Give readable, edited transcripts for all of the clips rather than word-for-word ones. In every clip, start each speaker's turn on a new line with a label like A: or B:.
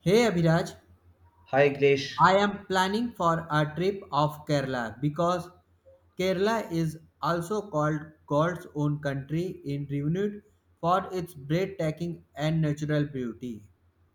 A: Hey Abhiraj,
B: Hi Grace.
A: I am planning for a trip of Kerala because Kerala is also called God's own country in renowned for its breathtaking and natural beauty.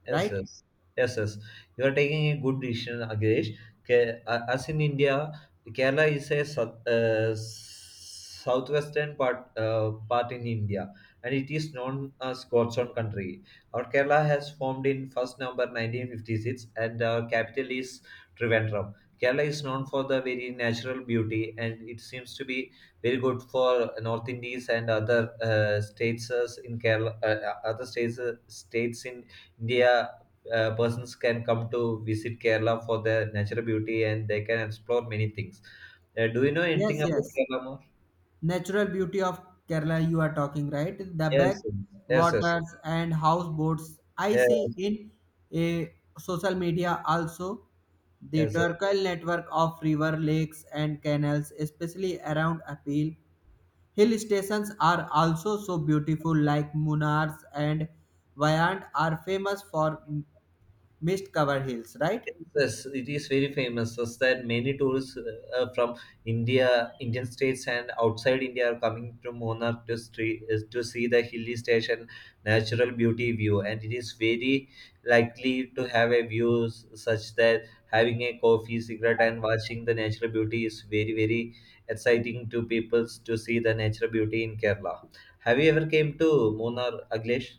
B: Yes,
A: Right?
B: yes, yes, yes. You are taking a good decision, Agresh. As in India, Kerala is a southwestern part in India, and it is known as God's own country. Our Kerala has formed in first number 1956, and our capital is Trivandrum. Kerala is known for the very natural beauty, and it seems to be very good for North Indies and other states states in India. Persons can come to visit Kerala for their natural beauty and they can explore many things. Do you know
A: Yes,
B: anything about
A: yes.
B: Kerala more?
A: Natural beauty of Kerala you are talking, right? The back
B: Yes, yes, yes,
A: waters and houseboats I see
B: yes,
A: in a social media also the
B: yes.
A: Turkle network of river lakes and canals, especially around Apil Hill stations are also so beautiful, like Munars and Wayand are famous for mist covered hills, right?
B: Yes, it is very famous, such that many tourists from India, Indian states, and outside India are coming to Munnar to, to see the hilly station natural beauty view. And it is very likely to have a such that having a coffee, cigarette, and watching the natural beauty is very very exciting to people to see the natural beauty in Kerala. Have you ever came to Munnar, Aglesh?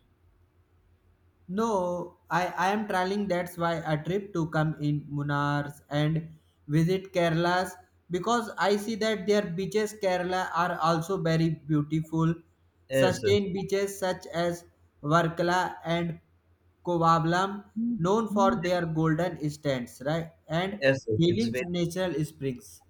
A: No, I am traveling. That's why a trip to come in Munars and visit Kerala's because I see that their beaches Kerala are also very beautiful.
B: Yes, yes,
A: Sustained beaches such as Varkala and Kovablam, known for
B: yes,
A: their golden stands, right? And
B: yes. It's
A: healing
B: very.
A: natural springs.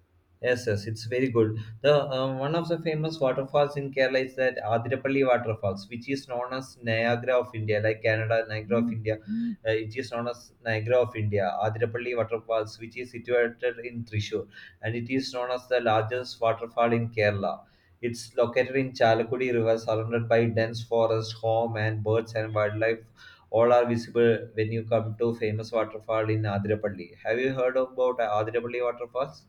B: Yes, yes, it's very good. The One of the famous waterfalls in Kerala is that Adirapalli waterfalls, which is known as Niagara of India, like Canada, Niagara of India. Mm. It is known as Niagara of India, Adirapalli waterfalls, which is situated in Thrissur, and it is known as the largest waterfall in Kerala. It's located in Chalakudi River, surrounded by dense forest, home and birds and wildlife. All are visible when you come to famous waterfall in Adirapalli. Have you heard about Adirapalli waterfalls?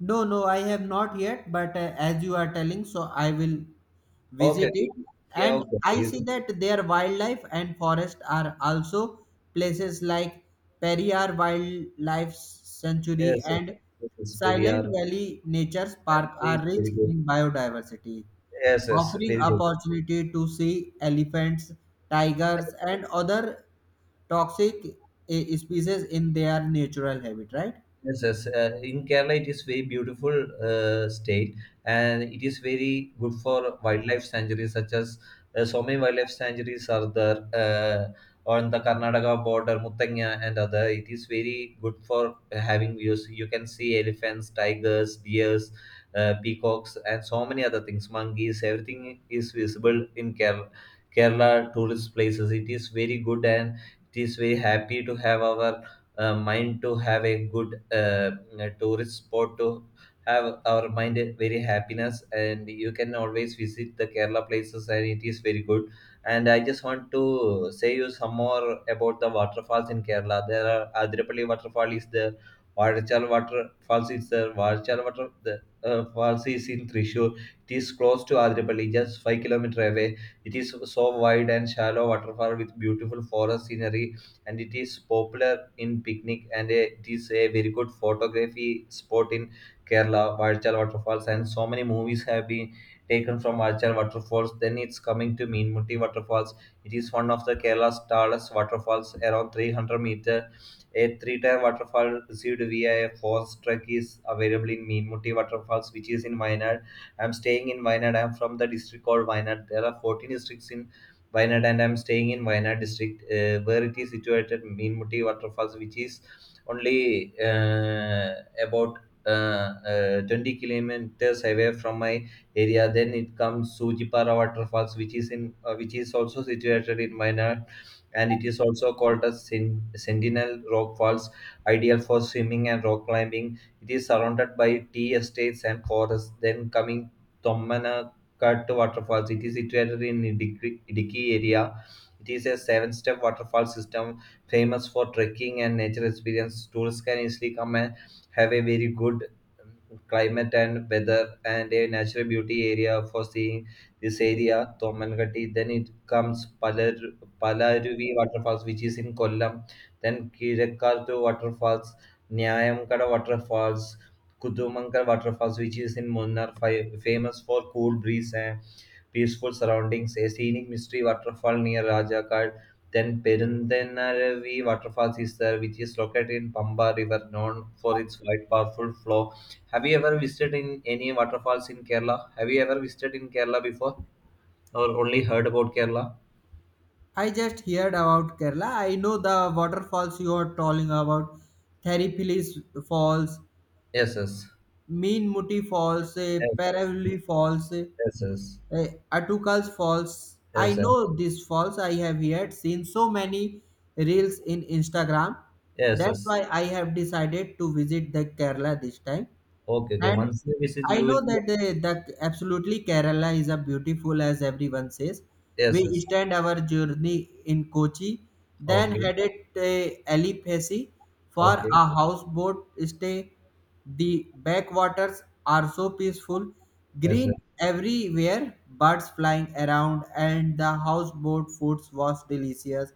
A: No, no, I have not yet, but as you are telling, so I will visit
B: Okay.
A: it.
B: Yeah,
A: And
B: okay,
A: I
B: you
A: see
B: can.
A: that their wildlife and forest are also places like Periyar Wildlife Sanctuary
B: Yes, yes.
A: and
B: Yes, yes, very,
A: Silent
B: are-
A: Valley Nature's
B: yeah,
A: Park
B: please,
A: are rich
B: very good.
A: in biodiversity,
B: Yes, yes,
A: offering
B: very good.
A: opportunity to see elephants, tigers, and other toxic species in their natural habitat, right?
B: Yes, yes. In Kerala, it is very beautiful state, and it is very good for wildlife sanctuaries, such as so many wildlife sanctuaries are there on the Karnataka border, Muthanya and other. It is very good for having views. You can see elephants, tigers, deers, peacocks, and so many other things. Monkeys, everything is visible in Kerala. Kerala tourist places, it is very good, and it is very happy to have our mind to have a good tourist spot to have our mind very happiness, and you can always visit the Kerala places and it is very good, and I just want to say you some more about the waterfalls in Kerala. There are Adirapalli waterfall is there, Varchal waterfalls is there. Varchal water the falls is in Trishur. It is close to Adirapalli, just 5 kilometer away. It is so wide and shallow waterfall with beautiful forest scenery, and it is popular in picnic, and it is a very good photography spot in Kerala, Varchal waterfalls, and so many movies have been taken from Varchal waterfalls. Then it's coming to Meenmutti waterfalls. It is one of the Kerala's tallest waterfalls, around 300 meter. A three-tier waterfall received via a forest truck is available in Meenmutti waterfalls, which is in Wayanad. I'm staying in Wayanad. I'm from the district called Wayanad. There are 14 districts in Wayanad, and I'm staying in Wayanad district, where it is situated Meenmutti waterfalls, which is only about 20 kilometers away from my area. Then it comes Sujipara waterfalls, which is also situated in Wayanad, and it is also called as Sentinel Rock Falls, ideal for swimming and rock climbing. It is surrounded by tea estates and forests. Then coming Tommana Cut waterfalls. It is situated in Idiki area. It is a seven-step waterfall system famous for trekking and nature experience. Tourists can easily come and have a very good um, climate and weather and a natural beauty area for seeing this area, Thomangatte. Then it comes Palaruvi waterfalls, which is in Kollam. Then Kirakkartu waterfalls, Nyayamkada waterfalls, Kudumankar Waterfalls, which is in Munnar, famous for cool breeze and peaceful surroundings. A scenic mystery waterfall near Rajakad. Then Perundanaravi Waterfalls is there, which is located in Pamba River, known for its wide, powerful flow. Have you ever visited in any waterfalls in Kerala? Have you ever visited in Kerala before, or only heard about Kerala?
A: I just heard about Kerala. I know the waterfalls you are talking about. Theripilis Falls,
B: Yes, yes,
A: Meenmuti Falls,
B: yes,
A: Paravali Falls,
B: yes, yes,
A: Atukal's Falls. I
B: yes, yes,
A: know these falls. I have yet seen so many reels in Instagram.
B: yes,
A: That's
B: yes.
A: why I have decided to visit the Kerala this time.
B: Okay, okay.
A: And
B: Once you visit,
A: I
B: you
A: know
B: will be.
A: that that absolutely Kerala is a beautiful as everyone says.
B: Yes,
A: We
B: yes.
A: stand our journey in Kochi, then
B: Okay,
A: headed to Alipesi for
B: okay.
A: a houseboat stay. The backwaters are so peaceful,
B: Yes,
A: green
B: yes.
A: everywhere, birds flying around, and the houseboat foods was delicious.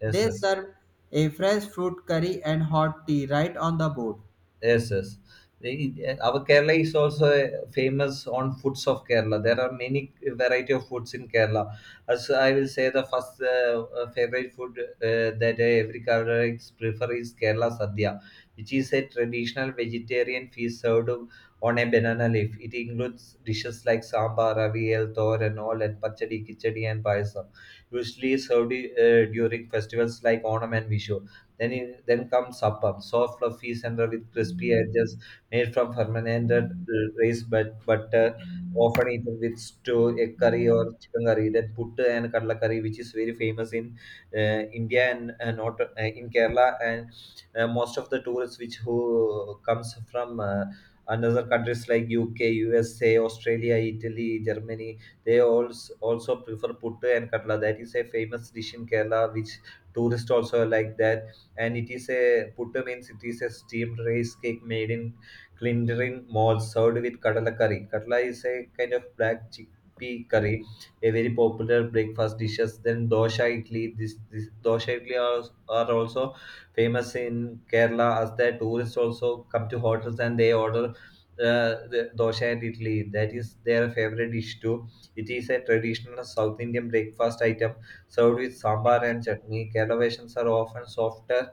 B: Yes,
A: They
B: yes,
A: serve a fresh fruit curry and hot tea right on the boat.
B: yes, yes. Our Kerala is also famous on foods of Kerala. There are many variety of foods in Kerala. As I will say, the first favorite food that every Kerala prefer is Kerala sadhya, which is a traditional vegetarian feast served on a banana leaf. It includes dishes like sambar, aviyal, thoran, all, and pachadi, kichadi, and payasam. Usually served during festivals like Onam and Vishu. Then in, then comes appam, soft, fluffy center with crispy edges, made from fermented rice but butter, often eaten with stew, egg curry or chicken curry. Then puttu and kadla curry, which is very famous in India and not in Kerala, and most of the tourists which who comes from. Another countries like UK, USA, Australia, Italy, Germany, they also prefer puttu and katla. That is a famous dish in Kerala, which tourists also like that, and it is a puttu means it is a steamed rice cake made in Clindarin mold served with kadala curry. Kadala is a kind of black chickpea curry, a very popular breakfast dishes. Then dosha idli, this dosha idli are also famous in Kerala as the tourists also come to hotels and they order the dosha and idli. That is their favorite dish too. It is a traditional South Indian breakfast item served with sambar and chutney. Kerala versions are often softer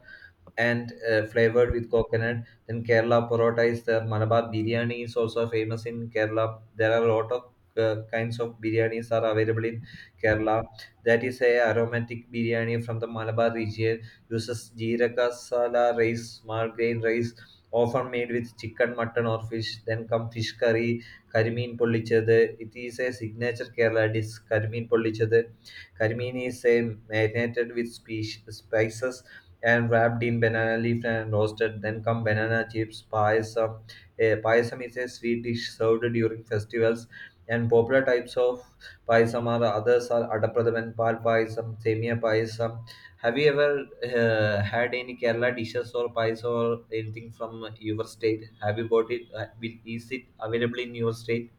B: and flavored with coconut. Then Kerala Parotta is there. Malabar Biryani is also famous in Kerala. There are a lot of kinds of biryanis are available in Kerala. That is a aromatic biryani from the Malabar region. Uses jeera sala rice, small grain rice, often made with chicken, mutton or fish. Then come fish curry, karimeen pollichathu it is a signature Kerala dish karimeen pollichathu karimeen is a marinated with spice spices and wrapped in banana leaf and roasted. Then come banana chips, payasam. Eh, payasam is a sweet dish served during festivals. And popular types of payasam are others are adapradam and pal payasam, semia payasam. Have you ever had any Kerala dishes or payasam or anything from your state? Have you got it? Is it available in your state?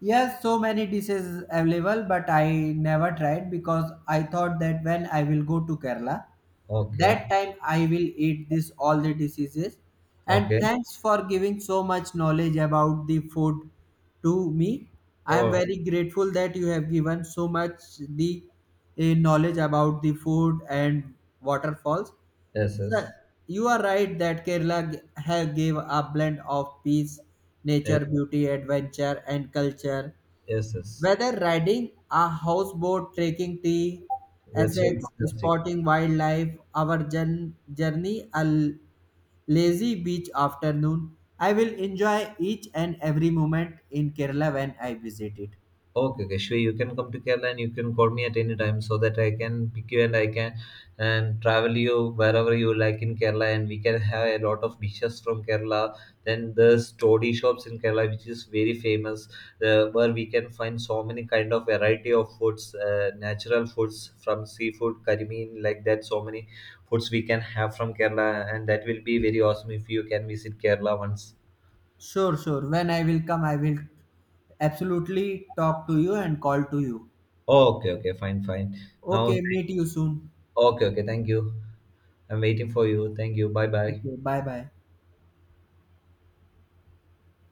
A: Yes, so many dishes available, but I never tried because I thought that when I will go to Kerala,
B: Okay,
A: that time I will eat this all the diseases. And
B: okay.
A: thanks for giving so much knowledge about the food to me. I am
B: Oh,
A: very grateful that you have given so much the knowledge about the food and waterfalls.
B: yes,
A: Sir,
B: yes,
A: you are right that Kerala have give a blend of peace,
B: yes,
A: nature, beauty, adventure, and culture.
B: yes, yes.
A: Whether riding a houseboat, trekking tea,
B: That's very
A: Essex,
B: fantastic.
A: spotting wildlife, journey lazy beach afternoon, I will enjoy each and every moment in Kerala when I visit it.
B: Okay, okay, sure. You can come to Kerala and you can call me at any time so that I can pick you, and I can and travel you wherever you like in Kerala, and we can have a lot of dishes from Kerala. Then there's toddy shops in Kerala which is very famous, where we can find so many kind of variety of foods, natural foods from seafood, curry mean like that. So many foods we can have from Kerala, and that will be very awesome if you can visit Kerala once.
A: Sure, sure. When I will come, I will absolutely talk to you and call to you.
B: Okay, okay, fine, fine. Now,
A: Okay, meet you soon.
B: okay, okay, thank you. I'm waiting for you. Thank you. Bye bye.
A: Okay, bye bye.